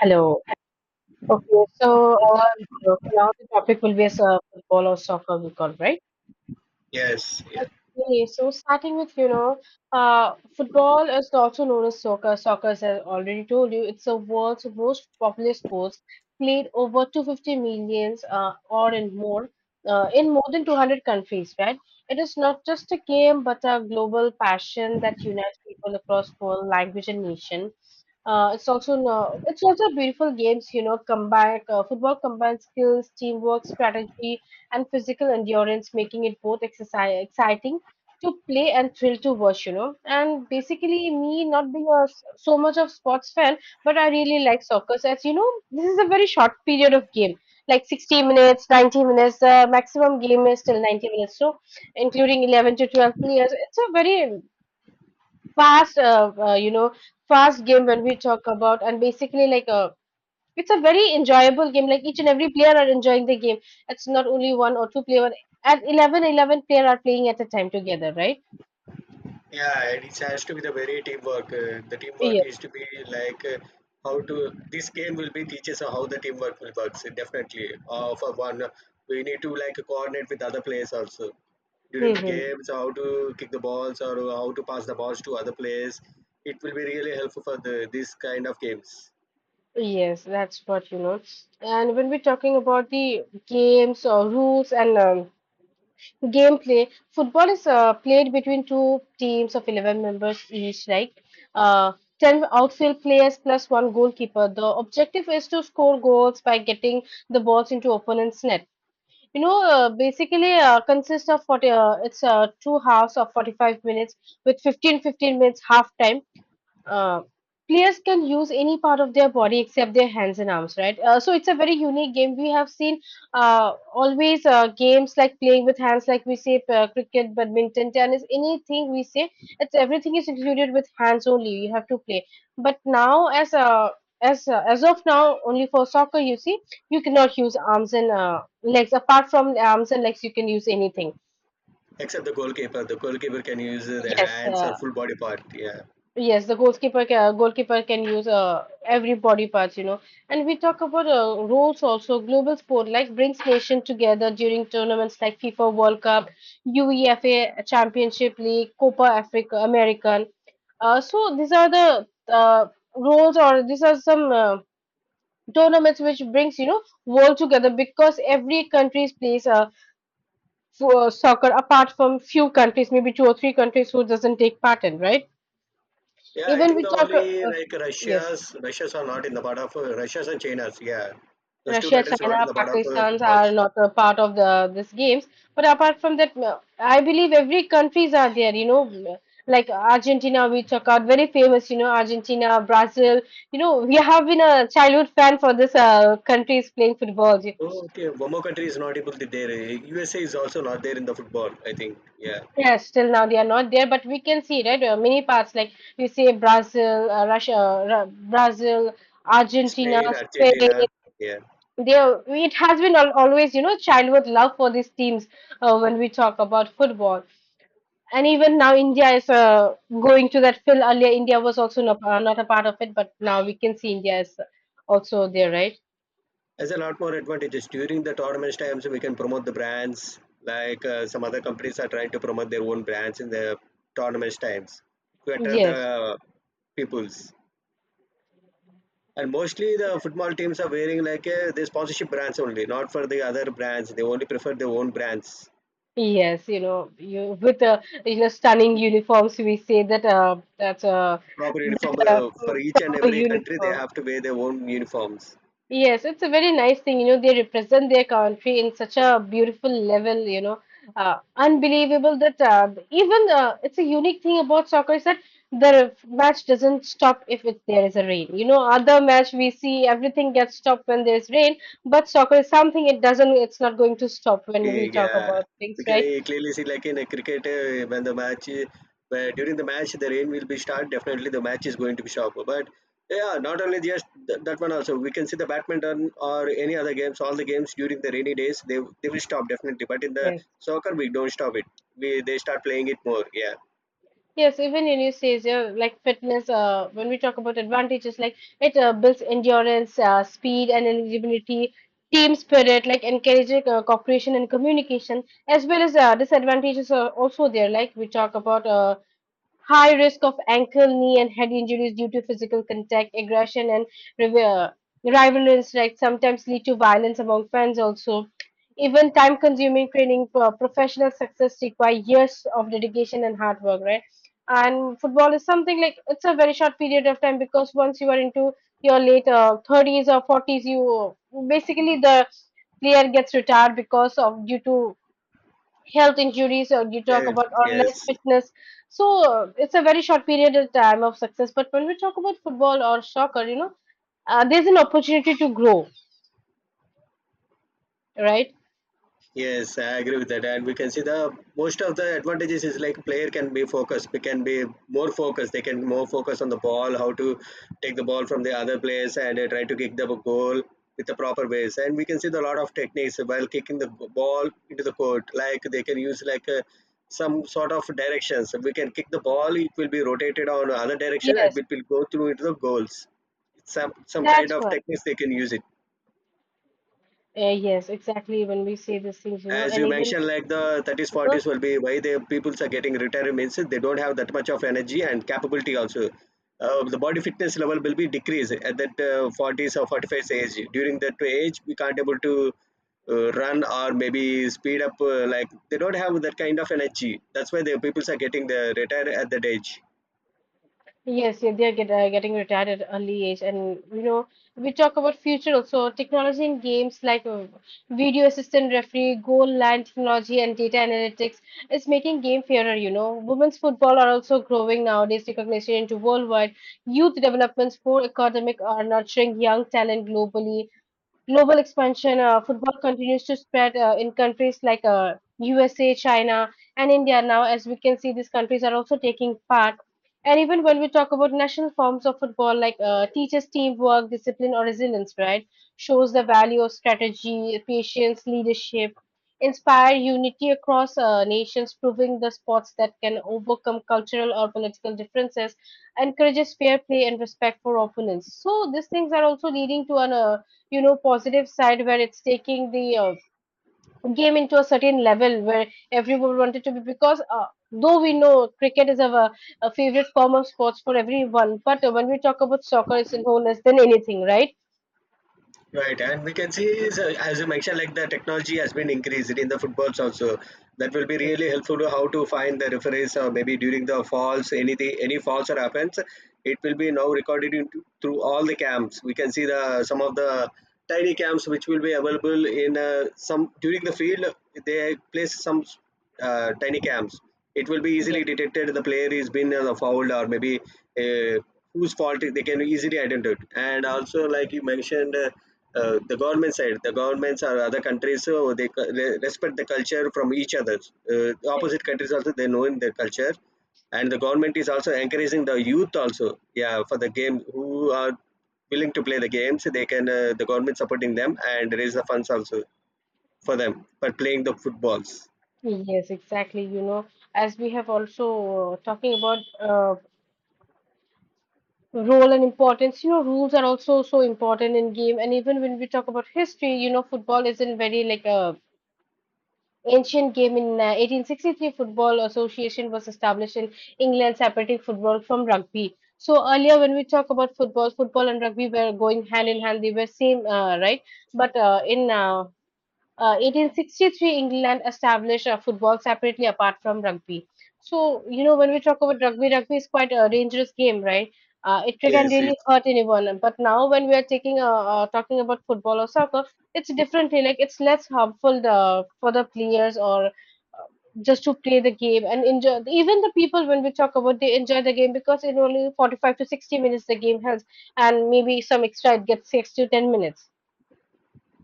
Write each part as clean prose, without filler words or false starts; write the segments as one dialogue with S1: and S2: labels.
S1: Hello. Okay, now the topic will be as football or soccer, we call, right?
S2: Yes, yeah,
S1: Okay, so starting with, football is also known as soccer. Soccer, as I already told you, it's the world's most popular sport played over 250 millions, or in more than 200 countries, right? It is not just a game, but a global passion that unites people across world, language, and nation. It's also no, It's also beautiful games, you know, combine football combines skills, teamwork, strategy, and physical endurance, making it both exercise exciting to play and thrill to watch. And basically, me not being so much of sports fan, but I really like soccer. So, as you know, this is a very short period of game, like 60 minutes, 90 minutes. The maximum game is till 90 minutes, so including 11 to 12 players. It's a very fast, uh, uh, you know, fast game when we talk about, and basically like a it's a very enjoyable game. Like each and every player are enjoying the game. It's not only one or two player. At eleven player are playing at a time together, right?
S2: yeah. and it has to be the very teamwork. The teamwork
S1: Yes.
S2: is to be like uh, how to. This game will be teaches how the teamwork will works. Definitely, for one, we need to like coordinate with other players also during the
S1: Hmm.
S2: games. How to kick the balls or how to pass the balls to other players. It will be really helpful for the this kind of games.
S1: Yes, that's what. And when we're talking about the games or rules and gameplay, football is played between two teams of 11 members each, uh, 10 outfield players plus one goalkeeper. The objective is to score goals by getting the balls into opponent's net. You know, basically Consists of 40, uh, it's uh, two halves of 45 minutes with fifteen minutes half time uh, Players can use any part of their body except their hands and arms, right? So it's a very unique game. We have seen always games like playing with hands, like we say cricket, badminton, tennis, anything we say, it's everything is included with hands only. You have to play. But now, as of now, only for soccer, you see, you cannot use arms and legs. Apart from arms and legs, you can use anything.
S2: Except the goalkeeper. The goalkeeper can use the
S1: Yes,
S2: hands or
S1: uh,
S2: full body part. Yeah.
S1: Yes, the goalkeeper can use every body parts. And we talk about roles also. Global sport like brings nation together during tournaments like FIFA World Cup, UEFA Championship League, Copa Africa American. So these are the roles, or these are some tournaments which brings world together because every country plays for soccer apart from few countries, maybe two or three countries who doesn't take part in, right?
S2: Yeah, I
S1: Even
S2: think
S1: we
S2: the
S1: talk, uh,
S2: only
S1: uh,
S2: like
S1: yes,
S2: Russia's are not in the part of Russia's and China's. Yeah, those two
S1: Russia,
S2: countries are not in
S1: China,
S2: the part of
S1: Pakistan's are
S2: footballs.
S1: not a part of the this games. But apart from that, I believe every countries are there. You know, like Argentina, we talk out very famous. You know, Argentina, Brazil. You know, we have been a childhood fan for this countries playing football.
S2: Oh, okay, one more country is not able to there. USA is also not there in the football, I think. Yeah,
S1: Yes, till now they are not there, but we can see, right? Many parts like you say Brazil, Russia, Brazil, Argentina,
S2: Spain, Argentina.
S1: Spain.
S2: Yeah,
S1: There it has been always, childhood love for these teams when we talk about football. And even now India is going to that fill. Earlier India was also not a part of it but now we can see India is also there, right?
S2: there's a lot more advantages during the tournament times. We can promote the brands like some other companies are trying to promote their own brands in the tournament times to attract
S1: Yes,
S2: the peoples. And mostly the football teams are wearing like a, they sponsorship brands only, not for the other brands. They only prefer their own brands.
S1: yes. You know you with uh, you know stunning uniforms, we say that that's
S2: Proper
S1: that
S2: uniform for each and
S1: proper
S2: every country, they
S1: uniform.
S2: have to wear their own uniforms.
S1: Yes, it's a very nice thing. You know, they represent their country in such a beautiful level, unbelievable that even it's a unique thing about soccer is that the match doesn't stop if there is a rain. You know, other match we see everything gets stopped when there's rain, but soccer is something it's not going to stop when we talk
S2: Yeah,
S1: about things,
S2: we
S1: right?
S2: can clearly see like in a cricket when the where during the match the rain will be start. Definitely the match is going to be sharp. But yeah, not only just that one, also we can see the badminton or any other games. All the games during the rainy days they will stop definitely. But in the
S1: Yes.
S2: soccer we don't stop it. We They start playing it more. Yeah.
S1: Yes, even anesthesia, like fitness, when we talk about advantages, like it builds endurance, speed, and eligibility, team spirit, like encouraging cooperation and communication, as well as disadvantages are also there. Like we talk about high risk of ankle, knee, and head injuries due to physical contact, aggression, and rival rivalry instincts sometimes lead to violence among fans. Also, even time-consuming training, for professional success require years of dedication and hard work, right? And football is something like it's a very short period of time because once you are into your late 30s or 40s, you basically the player gets retired because of due to health injuries or you talk
S2: Uh,
S1: about or less
S2: yes.
S1: fitness. So it's a very short period of time of success but when we talk about football or soccer, there's an opportunity to grow, right?
S2: Yes, I agree with that. And we can see, the most of the advantages is like player can be focused. We can be more focused. They can more focus on the ball, how to take the ball from the other players and try to kick the goal with the proper ways. And we can see the lot of techniques while kicking the ball into the court. Like they can use some sort of directions. We can kick the ball. It will be rotated on other direction and
S1: Yes,
S2: it will go through into the goals. Some kind
S1: that's
S2: of
S1: what
S2: techniques they can use it.
S1: yes, exactly when we say these things
S2: As
S1: and
S2: you
S1: even
S2: mentioned, like the 30s, 40s will be why the peoples are getting retired means they don't have that much of energy and capability also. The body fitness level will be decreased at that 40s or 45s age. During that age we can't able to run or maybe speed up, like they don't have that kind of energy. That's why the peoples are getting the retired at that age.
S1: yes, yeah, they are getting retired at early age. And we talk about future also. Technology in games like video assistant referee, goal line technology, and data analytics is making game fairer. You know, women's football are also growing nowadays. Recognition into worldwide youth development, sport academic are nurturing young talent globally, global expansion, football continues to spread in countries like USA, China, and India now. As we can see, these countries are also taking part. And even when we talk about national forms of football, teaches teamwork, discipline, or resilience, right? Shows the value of strategy, patience, leadership, inspire unity across nations, proving the sports that can overcome cultural or political differences, encourages fair play and respect for opponents. So these things are also leading to an positive side where it's taking the game into a certain level where everyone wanted to be because though we know cricket is a favorite form of sports for everyone but when we talk about soccer it's no less than anything, right?
S2: Right, and we can see, is, as you mentioned, like the technology has been increased in the footballs also. That will be
S1: Yes,
S2: really helpful to how to find the referees or maybe during the falls, anything, any falls or happens, it will be now recorded into, through all the cams. We can see the some of the tiny cams which will be available in some during the field. They place some tiny cams. It will be easily
S1: yes.
S2: detected the player is been fouled or maybe uh, whose fault they can easily identify it. And also like you mentioned, the government side, the governments or other countries, so they respect the culture from each other,
S1: Yes.
S2: opposite countries also they know in their culture. And the government is also encouraging the youth also, yeah, for the game, who are willing to play the games. They can, the government supporting them and raise the funds also for them for playing the footballs.
S1: Yes, exactly. You know, as we have also talking about role and importance, you know, rules are also so important in game. And even when we talk about history, you know, football isn't very like a. Ancient game in 1863 Football Association was established in England, separating football from rugby. So earlier when we talk about football, football and rugby were going hand in hand. They were same, right? But in 1863 England established football separately apart from rugby. So you know when we talk about rugby, rugby is quite a dangerous game, right? It can
S2: Yes, yes.
S1: really hurt anyone. But now when we are taking talking about football or soccer, it's differently. Like it's less harmful for the players or just to play the game and enjoy, even the people when we talk about they enjoy the game because in only 45 to 60 minutes the game helps and maybe some extra it gets 6 to 10 minutes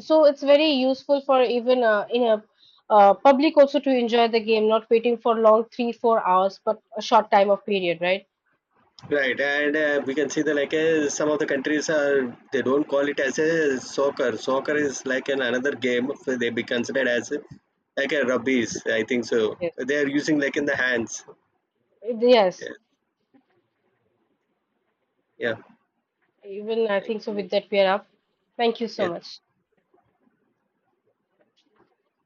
S1: so it's very useful for even in a public also to enjoy the game not waiting for long 3 or 4 hours but a short time of period, right?
S2: Right, and we can see the like some of the countries are they don't call it as a soccer. Soccer is like an another game. They be considered as a, like a rubbies, I think so.
S1: Yes.
S2: They are using like in the hands.
S1: Yes,
S2: Yeah, yeah,
S1: even I
S2: thank
S1: think so,
S2: you.
S1: with that we are up. Thank you so
S2: Yeah.
S1: much.